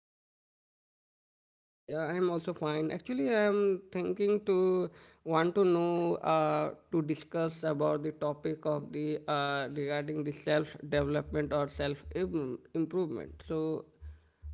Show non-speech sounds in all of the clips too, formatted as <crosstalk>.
how's about you? Yeah, I'm also fine. Actually, I'm thinking to want to know to discuss about the topic of the regarding the self development or improvement. So,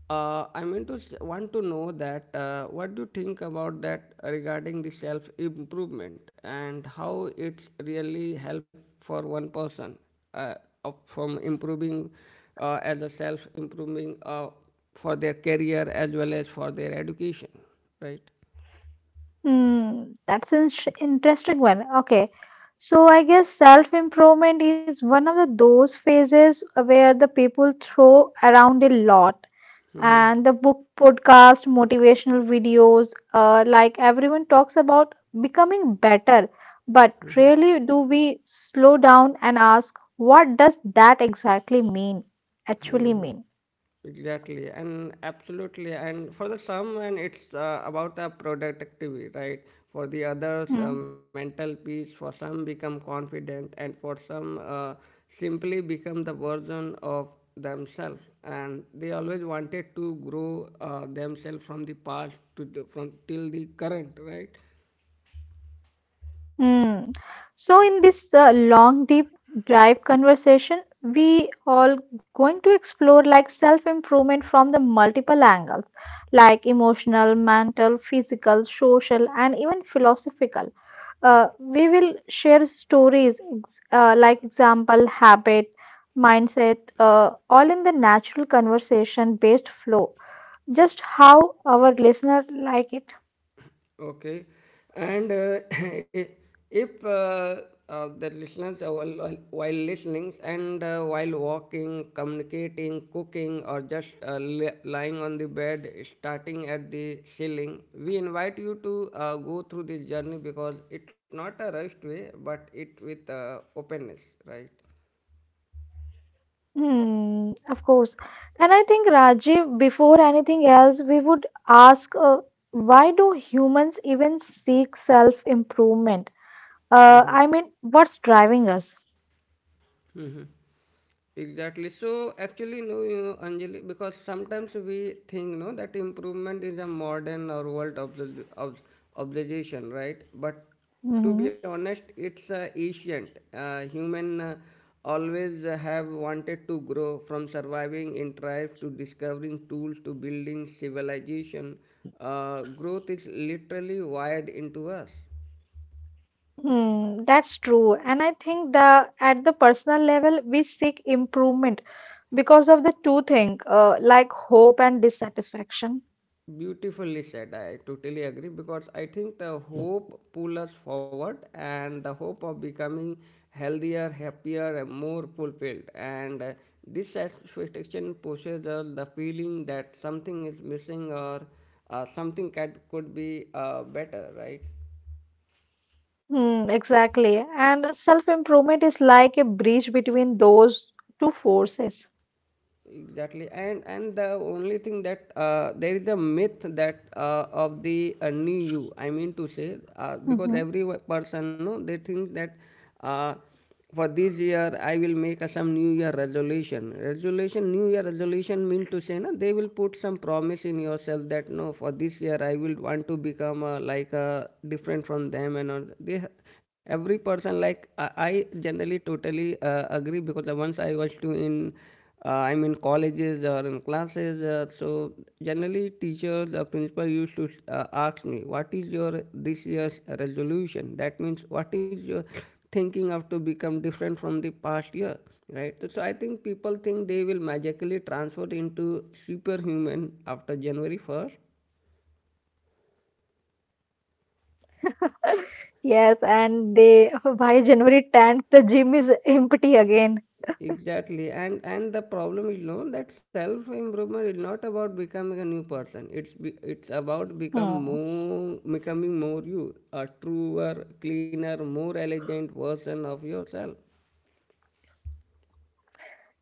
I mean to want to know that what do you think about that regarding the self improvement and how it's really help for one person uh, of, from improving as a self improving. For their career as well as for their education, right? Hmm, that's an interesting one. Okay. So I guess self-improvement is one of those phases where the people throw around a lot. And the book, podcast, motivational videos, like everyone talks about becoming better. But really, do we slow down and ask, what does that exactly mean? Actually mean? Exactly, and absolutely, and for the some and it's about a productivity, right? For the others, Hmm. mental peace for some, become confident, and for some, simply become the version of themselves and they always wanted to grow themselves from the past to from till the current, right? Hmm. So, in this long, deep dive conversation, we all going to explore like self-improvement from the multiple angles, like emotional, mental, physical, social, and even philosophical. We will share stories, like example, habit, mindset, all in the natural conversation-based flow, just how our listener like it. Okay. And <coughs> <laughs> if the listeners, are while listening and while walking, communicating, cooking, or just lying on the bed, starting at the ceiling, we invite you to go through this journey because it's not a rushed way, but it with openness, right? Hmm, of course. And I think, Rajiv, before anything else, we would ask why do humans even seek self-improvement? I mean, what's driving us? Exactly. So actually, no, you Anjali, because sometimes we think, no, that improvement is a modern or world obligation, right? But to Hmm. be honest, it's ancient. Human always have wanted to grow from surviving in tribes to discovering tools to building civilization. Growth is literally wired into us. Hmm, that's true. And I think the at the personal level, we seek improvement because of the two things, like hope and dissatisfaction. Beautifully said. I totally agree because I think the hope pull us forward and the hope of becoming healthier, happier, and more fulfilled. And this satisfaction pushes us the feeling that something is missing or something cat could be better, right? Hmm, exactly. And self-improvement is like a bridge between those two forces. Exactly, and the only thing that there is a myth that of the new you, I mean to say, Mm-hmm. because every person, no, they think that uh, for this year I will make a some new year resolution, resolution, new year resolution, mean to say, no, they will put some promise in yourself that, no, for this year I will want to become like different from them, and all they every person like I generally totally agree because once I was too in I'm in colleges or in classes. So generally, teachers or principal used to ask me, "What is your this year's resolution?" That means, what is your thinking of to become different from the past year, right? So, so I think people think they will magically transfer into superhuman after January 1st. Yes, and they <laughs> by January 10th, the gym is empty again. Exactly, and the problem is, no, that self improvement is not about becoming a new person. It's about become Hmm. more becoming more you, a truer, cleaner, more elegant version of yourself.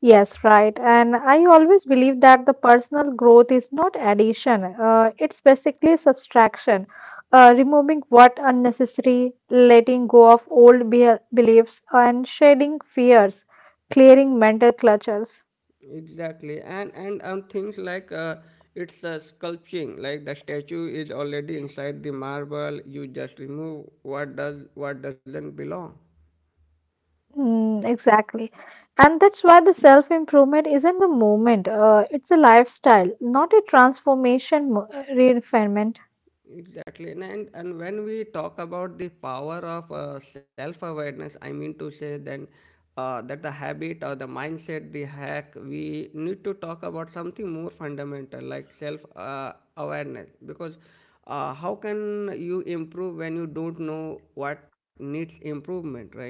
Yes, right. And I always believe that the personal growth is not addition, it's basically subtraction, removing what unnecessary, letting go of old be beliefs, and shedding fears, clearing mental clutters. Exactly, and things like it's a sculpting, like the statue is already inside the marble. You just remove what doesn't belong. Mm, exactly. And that's why the self-improvement isn't a movement. It's a lifestyle, not a transformation, refinement. Exactly. And when we talk about the power of self-awareness, I mean to say, then that the habit or the mindset, the hack, we need to talk about something more fundamental like self-awareness. Because how can you improve when you don't know what needs improvement, right?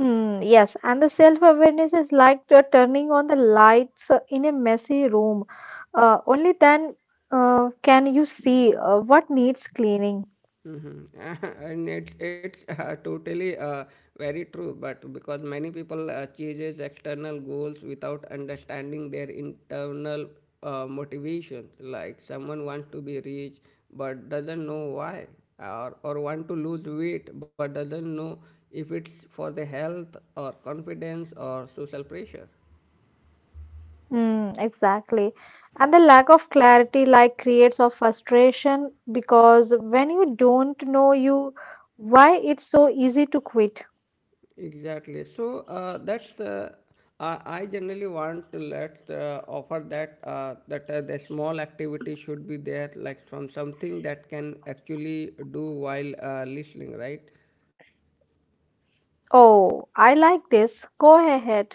Mm, yes, and the self-awareness is like the turning on the lights in a messy room. Only then uh, can you see what needs cleaning. Mm-hmm. <laughs> And it's totally very true, but because many people changes external goals without understanding their internal motivation. Like someone wants to be rich but doesn't know why, or want to lose weight but doesn't know if it's for the health or confidence or social pressure. Mm, exactly. And the lack of clarity like creates of frustration because when you don't know you why it's so easy to quit. Exactly. So that's I generally want to let offer that the small activity should be there, like from something that can actually do while listening, right? Oh, I like this. Go ahead.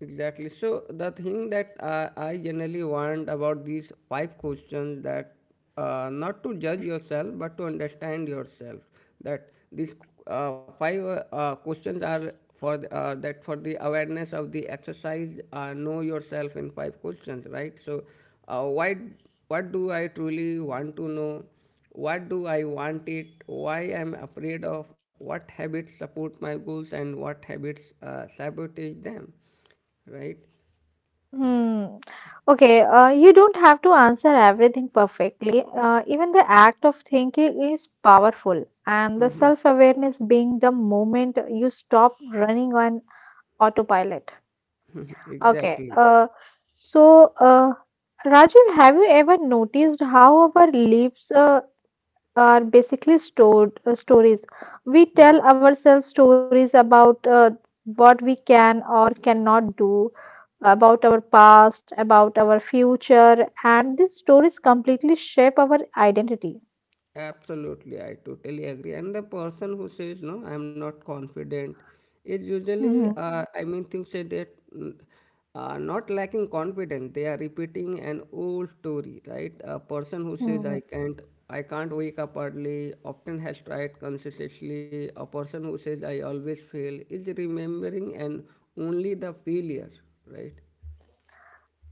Exactly. So the thing that I generally want about these five questions, that not to judge yourself but to understand yourself. That these five questions are for the, that for the awareness of the exercise. Know yourself in five questions, right? So, why? What do I truly want to know? What do I want it? Why I'm afraid of? What habits support my goals, and what habits sabotage them, right? Hmm. Okay, you don't have to answer everything perfectly. Even the act of thinking is powerful, and the <laughs> self-awareness being the moment you stop running on autopilot. Mhm. Okay, Exactly. So uh, Rajiv, have you ever noticed how our lives are basically stored stories. We tell ourselves stories about what we can or cannot do, about our past, about our future, and these stories completely shape our identity. Absolutely. I totally agree. And the person who says, no, I'm not confident, is usually, Hmm. I mean, thinks that they're mm, not lacking confidence. They are repeating an old story, right? A person who says, Hmm. I can't. I can't wake up early, often has tried consistently. A person who says, I always fail, is remembering and only the failure, right?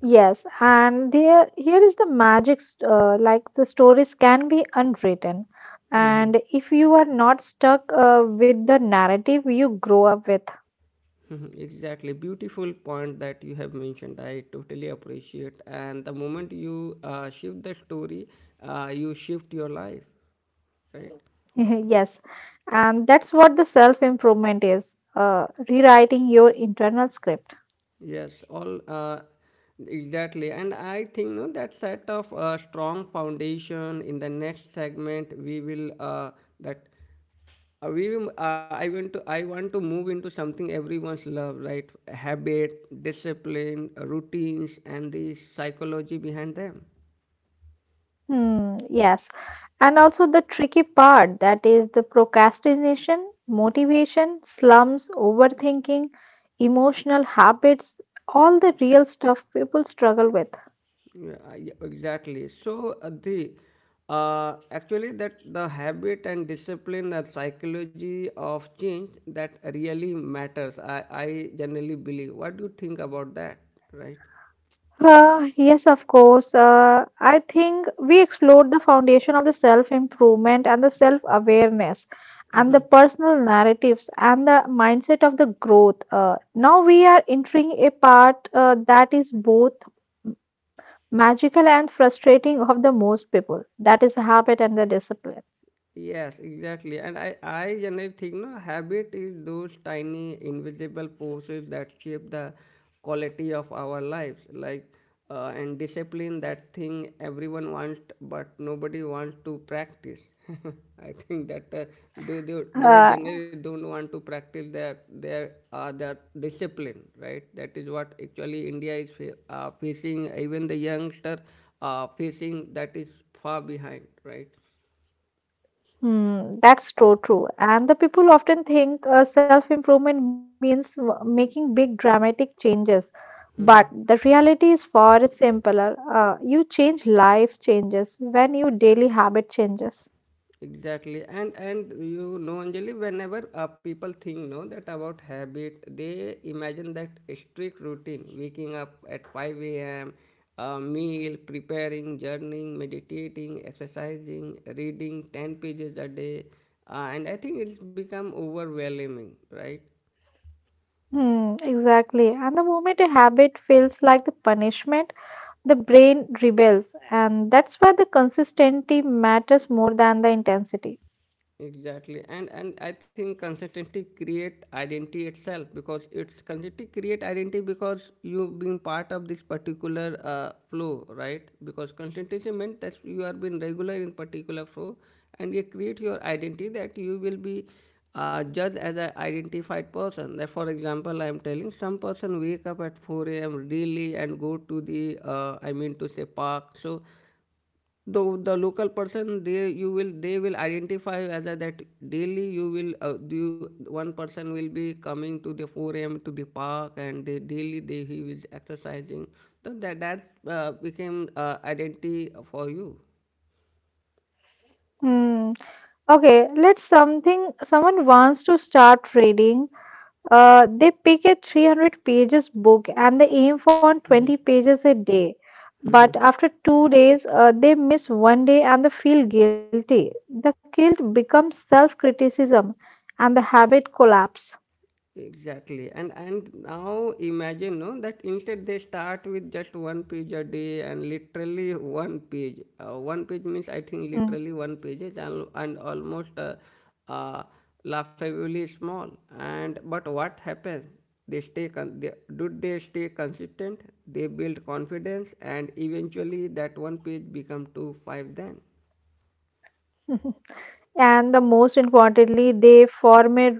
Yes, and there here is the like the stories can be unwritten, <laughs> and if you are not stuck with the narrative you grow up with, Mhm, exactly. Beautiful point that you have mentioned. I totally appreciate. And the moment you shift the story, you shift your life, right? <laughs> yes, and that's what the self improvement is rewriting your internal script. Yes, all exactly. And I think, no, that set of strong foundation in the next segment, we will that we will, I want to move into something everyone's love, right? Habit, discipline, routines, and the psychology behind them. Hmm, yes, and also the tricky part that is the procrastination, motivation, slumps, overthinking, emotional habits, all the real stuff people struggle with. Yeah, yeah, exactly. So, the actually that the habit and discipline and psychology of change that really matters. I generally believe. What do you think about that? Right? Yes, of course. I think we explored the foundation of the self improvement and the self awareness and the Mm-hmm. personal narratives and the mindset of the growth. Now we are entering a part that is both magical and frustrating of the most people that is habit and the discipline. Yes, exactly. And I generally think, no, habit is those tiny invisible forces that shape the quality of our lives. Like and discipline, that thing everyone wants but nobody wants to practice. <laughs> I think that they Uh. generally don't want to practice their their discipline, right? That is what actually India is facing. Even the youngster facing, that is far behind, right? Hmm, that's so true. And the people often think self-improvement means making big dramatic changes. But <laughs> the reality is far simpler. You change life changes when your daily habit changes. Exactly, and you know, Anjali, whenever people think, no, that about habit, they imagine that a strict routine, waking up at 5 a.m, meal preparing, journaling, meditating, exercising, reading 10 pages a day, and I think it's become overwhelming, right? Hmm, exactly. And the moment a habit feels like the punishment, the brain rebels. And that's why the consistency matters more than the intensity. Exactly, and I think consistency create identity itself, because it's consistency create identity, because you being part of this particular flow, right? Because consistency meant that you are being regular in particular flow, and you create your identity that you will be judged as an identified person. That, for example, I am telling, some person wake up at 4 a.m really and go to the I mean to say park. So the local person, they you will, they will identify whether that daily you will do. One person will be coming to the 4 a.m to the park, and they daily they he is exercising. So that became identity for you. Hmm. Okay, let's something someone wants to start reading. They pick a 300 pages book and they aim for 20 pages a day. But <laughs> after 2 days, they miss one day and they feel guilty. The guilt becomes self criticism and the habit collapse. Exactly. And now imagine, no, that instead they start with just one page a day, and literally one page. One page means, I think, Mm. literally one page is al- and almost uh, laughably small. And but what happens? They stay con- they, do they stay consistent? They build confidence, and eventually that one page become 2, 5, then. <laughs> And the most importantly, they form a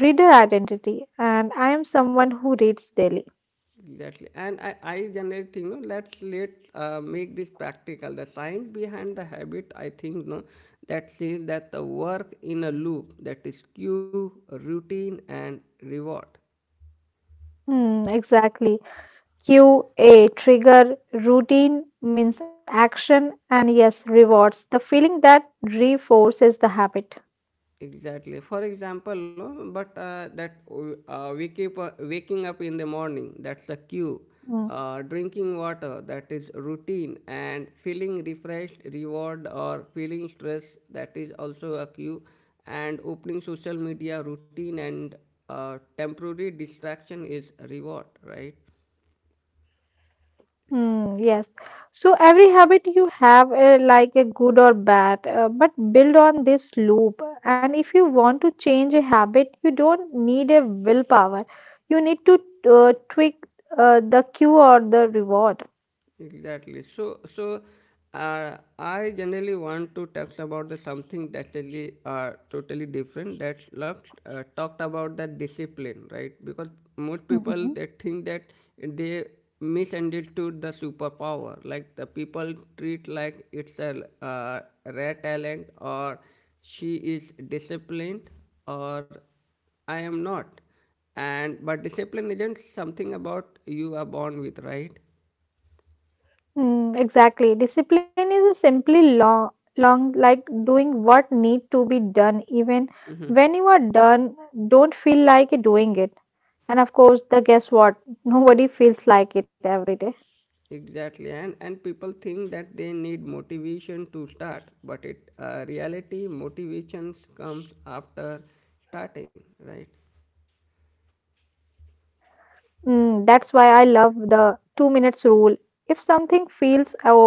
reader identity. And I am someone who reads daily. Exactly, and I generally think, no, let's let make this practical. The science behind the habit, I think, no, that says that the work in a loop, that is cue, routine, and reward. Hmm, exactly. Q, a trigger, routine means action, and yes, rewards the feeling that reinforces the habit. Exactly. For example, no, but that we keep waking up in the morning. That's the cue. Mm. Drinking water. That is routine. And feeling refreshed, reward. Or feeling stress. That is also a cue. And opening social media, routine. And temporary distraction is reward, right? Mm, yes. So every habit you have, like a good or bad, but build on this loop. And if you want to change a habit, you don't need a willpower. You need to tweak the cue or the reward. Exactly. So, so I generally want to talk about the something that's really, totally different. That loves talked about that discipline, right? Because most people they Mm-hmm. think that they misunderstood the superpower. Like the people treat like it's a rare talent, or she is disciplined, or I am not. And but discipline isn't something about you are born with, right? Mm, exactly. Discipline is simply long, long like doing what need to be done, even when you are done, don't feel like it doing it. And of course, the guess what? Nobody feels like it every day. Exactly, and people think that they need motivation to start, but it, reality, motivation comes after starting, right? Mm, that's why I love the 2 minutes rule. If something feels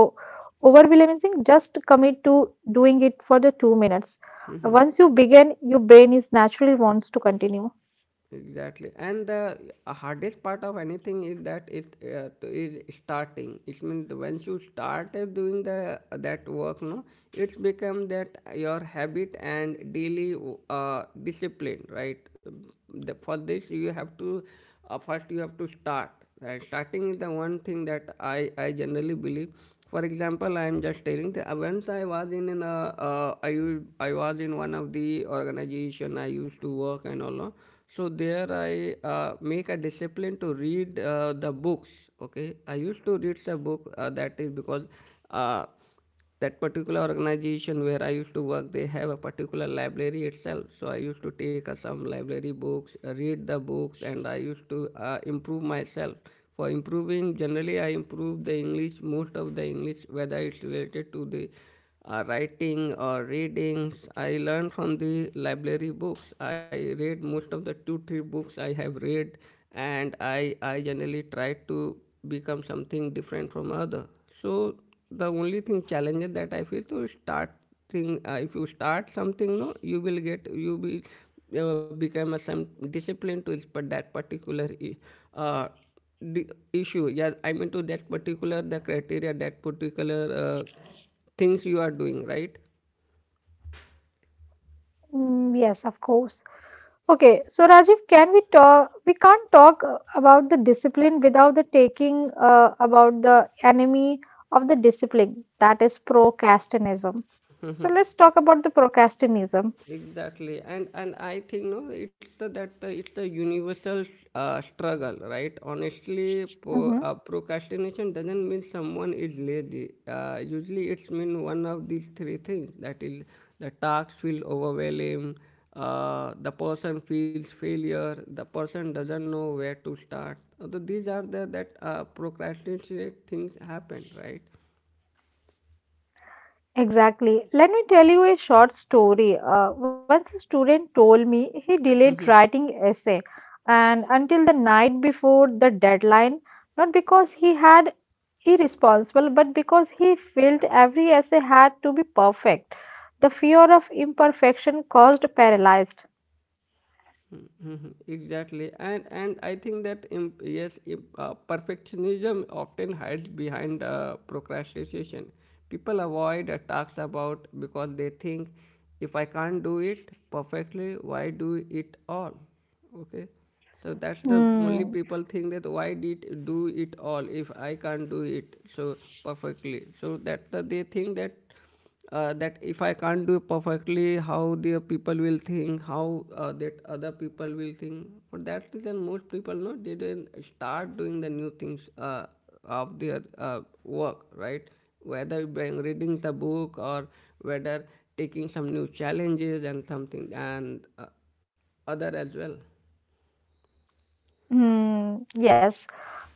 overwhelming, just commit to doing it for the 2 minutes. Once Mhm. you begin, your brain is naturally wants to continue. Exactly, and the hardest part of anything is that it is starting. It means once you start doing the that work, no, it's become that your habit and daily uh, discipline, right? For this, you have to first you have to start, and starting is the one thing that I generally believe. For example, I am just telling that once I was in an I was in one of the organization I used to work and all, so there I make a discipline to read the books. Okay, I used to read the book that is because uh, that particular organization where I used to work, they have a particular library itself. So I used to take some library books, read the books, and I used to improve myself. For improving, generally I improve the English, most of the English, whether it's related to the writing or reading. I learn from the library books. I read most of the two, three books I have read, and I generally try to become something different from other. So the only thing challenges that I feel to start thing. If you start something, no, you will become a some discipline to but that particular I- uh, the issue, yeah, I mean to that particular the criteria that particular uh, things you are doing, right? Mm, yes, of course. Okay, so Rajiv, can we talk? We can't talk about the discipline without the taking about the enemy of the discipline, that is procrastinism. So let's talk about the procrastinism. Exactly, and I think no it's it's the universal struggle, right? Honestly, procrastination doesn't mean someone is lazy. Usually it's mean one of these three things: that is the tasks feel overwhelming, the person feels failure, the person doesn't know where to start. So these are the that procrastinate things happen, right? Exactly. Let me tell you a short story. Once a student told me he delayed writing essay and until the night before the deadline, not because he had irresponsible, but because he felt every essay had to be perfect. The fear of imperfection caused paralyzed. Mhm, exactly, and I think that yes, perfectionism often hides behind procrastination. People avoid talks about, because they think if I can't do it perfectly, why do it all? Okay, so that's the only Hmm. people think that why did do it all if I can't do it so perfectly. So that's the they think that that if I can't do perfectly, how the people will think, how that other people will think. For that reason, most people no didn't start doing the new things of their work, right? Whether by reading the book or whether taking some new challenges and something and other as well. Hmm. Yes.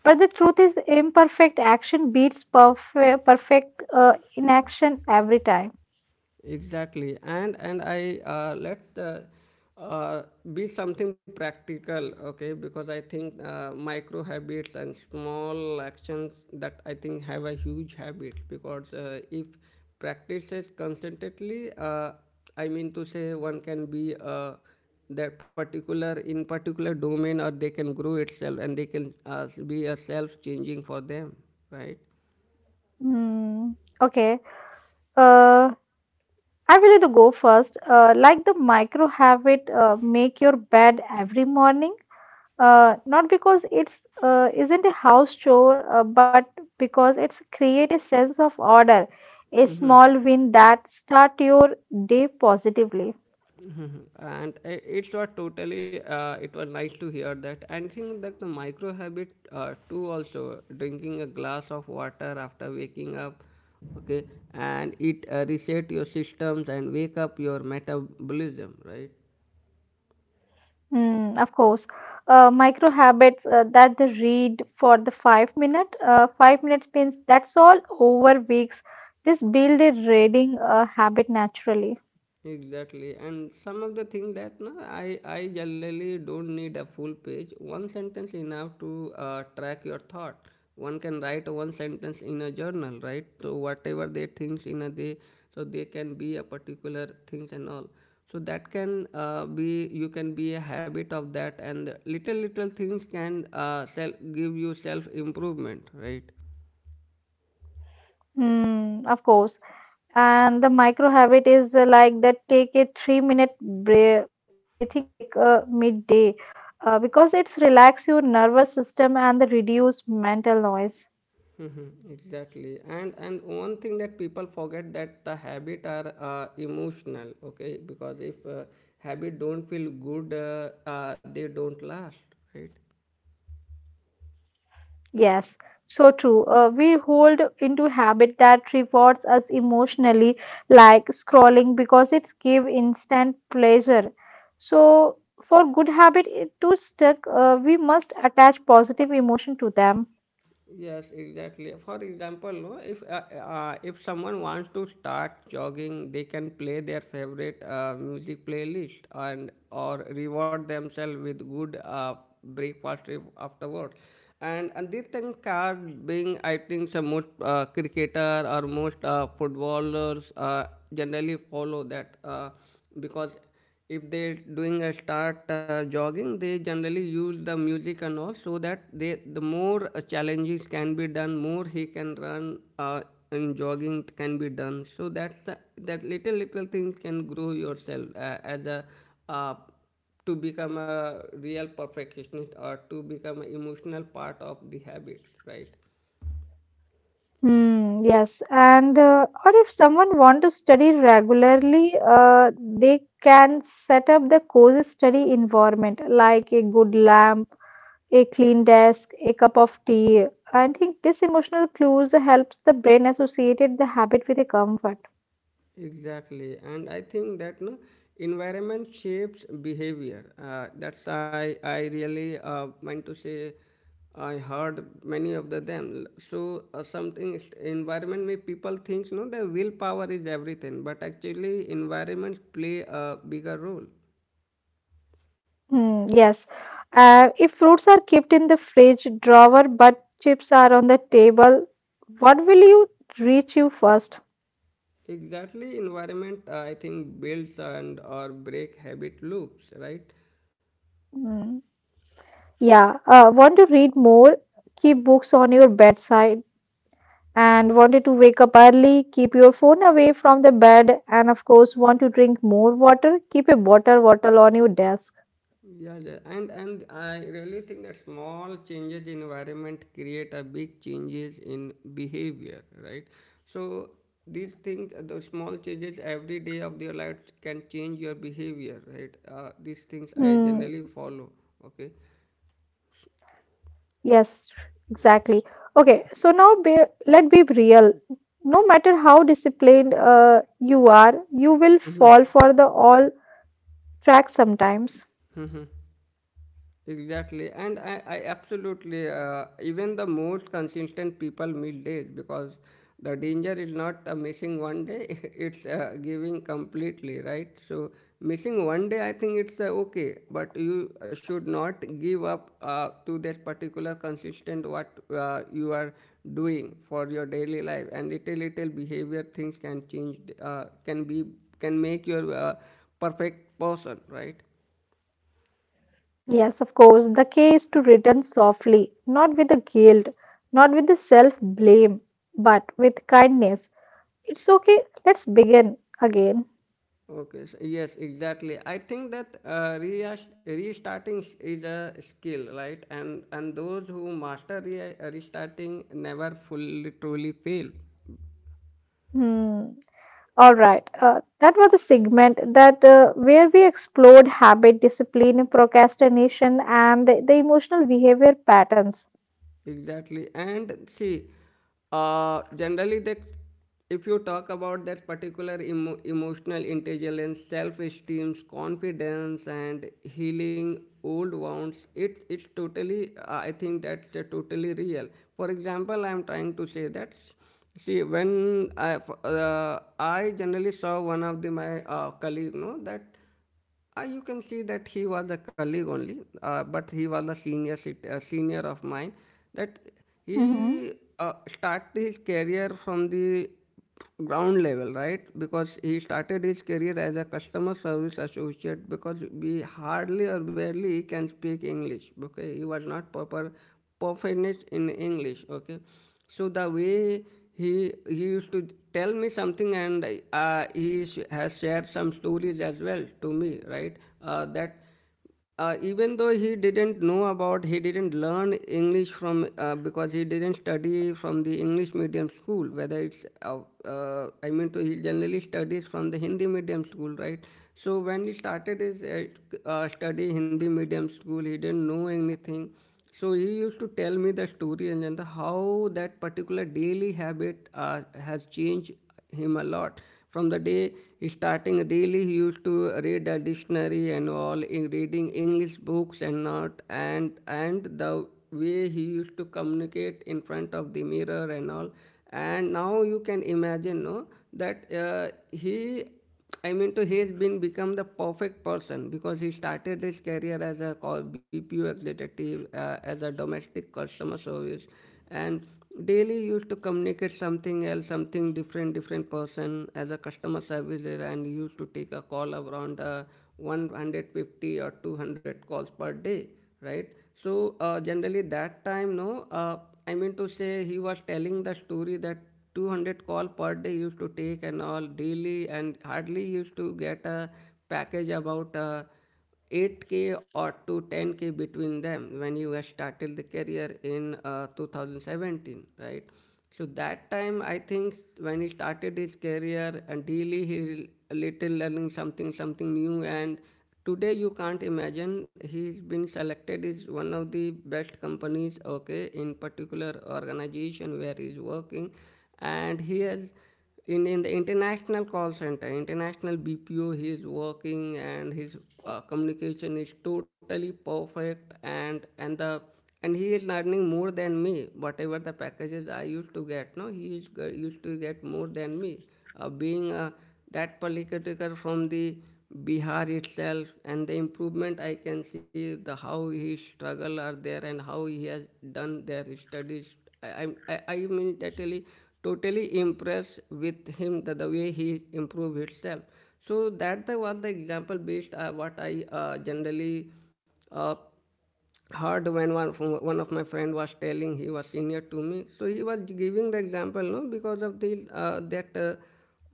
But the truth is, imperfect action beats perfect inaction every time. Exactly, and I let uh, be something practical, okay? Because I think micro habits and small actions that I think have a huge habit. Because if practices consistently, I mean to say, one can be that particular in particular domain, or they can grow itself, and they can be a self changing for them, right? Hmm. Okay. Uh, I will to go first. Like the micro habit, make your bed every morning. Not because it's isn't a house chore, but because it's create a sense of order, a small win that start your day positively. Hmm. And it's not totally it was nice to hear that and think that the micro habit too also drinking a glass of water after waking up. Okay, and it reset your systems and wake up your metabolism, right? Hmm, of course, micro habits that the read for the 5 minute, 5 minutes means that's all over weeks. This build a reading habit naturally. Exactly, and some of the thing that no, I generally don't need a full page. One sentence enough to track your thought. One can write one sentence in a journal, right? So whatever they thinks in a day, so they can be a particular things and all. So that can be, you can be a habit of that, and little little things can self give you self improvement, right? Hmm, of course. And the micro habit is like that take a 3 minute breathing break midday because it's relax your nervous system and the reduce mental noise. Mhm, exactly, and one thing that people forget that the habit are emotional. Okay, because if habit don't feel good, they don't last, right? Yes, so true. We hold into habit that rewards us emotionally, like scrolling, because it's give instant pleasure. So for good habit it to stick, we must attach positive emotion to them. Yes, exactly. For example, no, if someone wants to start jogging, they can play their favorite music playlist and or reward themselves with good breakfast afterwards. And these things are being, I think, some most cricketer or most footballers generally follow that because if they doing a start jogging, they generally use the music and all so that they the more challenges can be done, more he can run and jogging can be done. So that's that little little things can grow yourself as a uh, to become a real perfectionist or to become an emotional part of the habits, right? Hmm, yes, and or if someone want to study regularly, they can set up the cozy study environment like a good lamp, a clean desk, a cup of tea. I think this emotional clues helps the brain associate the habit with a comfort. Exactly, and I think that no environment shapes behavior. That's I really meant to say. I heard many of the them. So something is environment may people thinks no the willpower is everything, but actually environment play a bigger role. Hmm, yes, if fruits are kept in the fridge drawer but chips are on the table, what will you reach you first? Exactly, environment I think builds and or break habit loops, right? Hmm. Yeah, want to read more? Keep books on your bedside and wanted to wake up early? Keep your phone away from the bed and of course want to drink more water? Keep a water bottle on your desk. Yeah, yeah, and I really think that small changes in environment create a big changes in behavior, right? So these things, those small changes every day of your life can change your behavior, right? These things I Hmm, generally follow. Okay. yes, exactly. Okay, let be real. No matter how disciplined you are, you will fall for the all track sometimes. <laughs> Exactly, and I absolutely even the most consistent people meet days because the danger is not missing one day; <laughs> it's giving completely, right? So missing one day, I think it's okay, but you should not give up to that particular consistent what you are doing for your daily life, and little little behavior things can change, can be, can make your perfect person, right? Yes, of course, the key is to return softly, not with the guilt, not with the self blame, but with kindness. It's okay, let's begin again. Okay, so yes, exactly. I think that restarting is a skill, right? And those who master restarting never fully truly fail. Hmm. All right, that was the segment that where we explored habit, discipline, procrastination, and the emotional behavior patterns. Exactly. And see, generally, they, if you talk about that particular emotional intelligence, self-esteem, confidence, and healing old wounds, it's totally. I think that's totally real. For example, I'm trying to say that. See, when I generally saw one of the my colleague, no, that you can see that he was a colleague only, but he was a a senior of mine. That he Mhm. Started his career from the ground level, right? Because he started his career as a customer service associate, because we hardly or barely he can speak English. Okay, he was not proper proficient in English. Okay, so the way he used to tell me something, and he has shared some stories as well to me, right? That even though he didn't know about, he didn't learn English from, because he didn't study from the English medium school, whether it's I mean to, he generally studies from the Hindi medium school, right? So when he started his study Hindi medium school, he didn't know anything. So he used to tell me the story and then the, how that particular daily habit has changed him a lot. From the day he starting daily, he used to read a dictionary and all, in reading English books and not, and and the way he used to communicate in front of the mirror and all. And now you can imagine, no, that he, I mean to, he's been become the perfect person because he started his career as a call BPO executive, as a domestic customer service, and daily used to communicate something else, something different, different person as a customer service, there, and he used to take a call around 150 or 200 calls per day, right? So generally that time, no, I mean to say he was telling the story that 200 call per day used to take and all daily, and hardly used to get a package about 8k or to 10k between them when he was started the career in 2017, right? So that time I think when he started his career and daily he little learning something something new, and today you can't imagine he's been selected is one of the best companies, okay, in particular organization where he's working, and here in the international call center, international BPO he is working, and his communication is totally perfect, and the and he is earning more than me, whatever the packages I used to get, no, he is used to get more than me, being a that political from the Bihar itself, and the improvement I can see the how his struggle are there and how he has done their studies. I mean totally totally impressed with him, the way he improved himself. So that the was the example based what I generally uh, hard when one, one of my friend was telling, he was senior to me, so he was giving the example no because of the uh, that uh,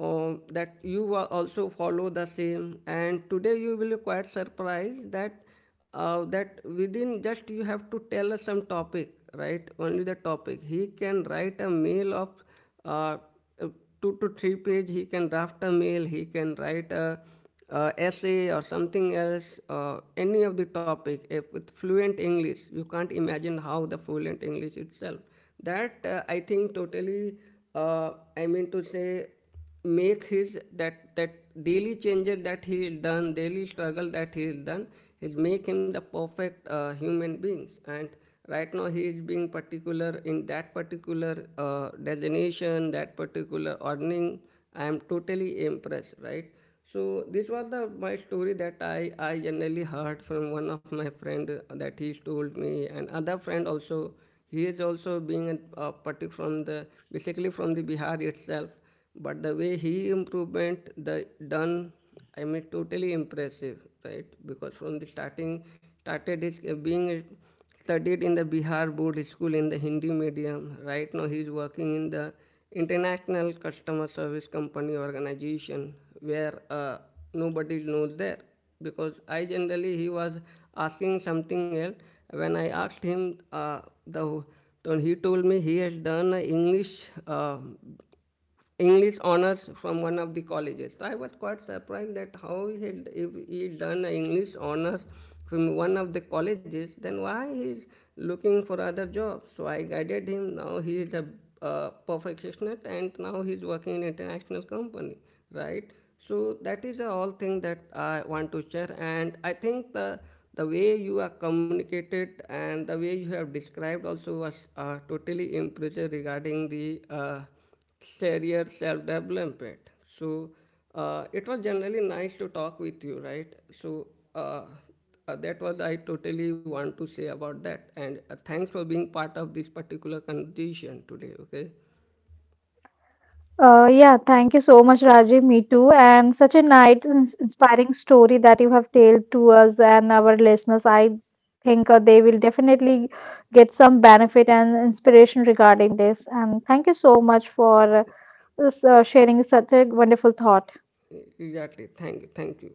um, that you also follow the same, and today you will be quite surprised that that within just you have to tell us some topic, right, only the topic he can write a mail of uh, uh, two to three page, he can draft a mail, he can write a essay or something else, any of the topic if with fluent English. You can't imagine how the fluent English itself that I think totally uh, I mean to say make his that that daily changes that he has done, daily struggle that he has done, is make him the perfect human being, and right now he is being particular in that particular designation, that particular earning. I am totally impressed, right? So this was the my story that I generally heard from one of my friend, that he told me, and other friend also, he is also being a from the basically from the Bihar itself, but the way he improvement the done, I mean totally impressive, right? Because from the starting started his being studied in the Bihar board school in the Hindi medium, right now he is working in the international customer service company organization where nobody knows there, because I generally he was asking something else. When I asked him, uh, the then he told me he has done a English uh, English honors from one of the colleges. So I was quite surprised that how he had if he done a English honors from one of the colleges, then why he's looking for other jobs. So I guided him. Now he is a perfectionist, and now he is working in international company, right? So that is the all thing that I want to share. And I think the way you are communicated and the way you have described also was totally impressive regarding the uh, career self development. So it was generally nice to talk with you, right? So uh, that was I totally want to say about that. And thanks for being part of this particular conversation today. Okay, Yeah, thank you so much, Rajiv. Me too. And such a nice, inspiring story that you have told to us and our listeners. I think they will definitely get some benefit and inspiration regarding this. And thank you so much for sharing such a wonderful thought. exactly. Thank you. Thank you.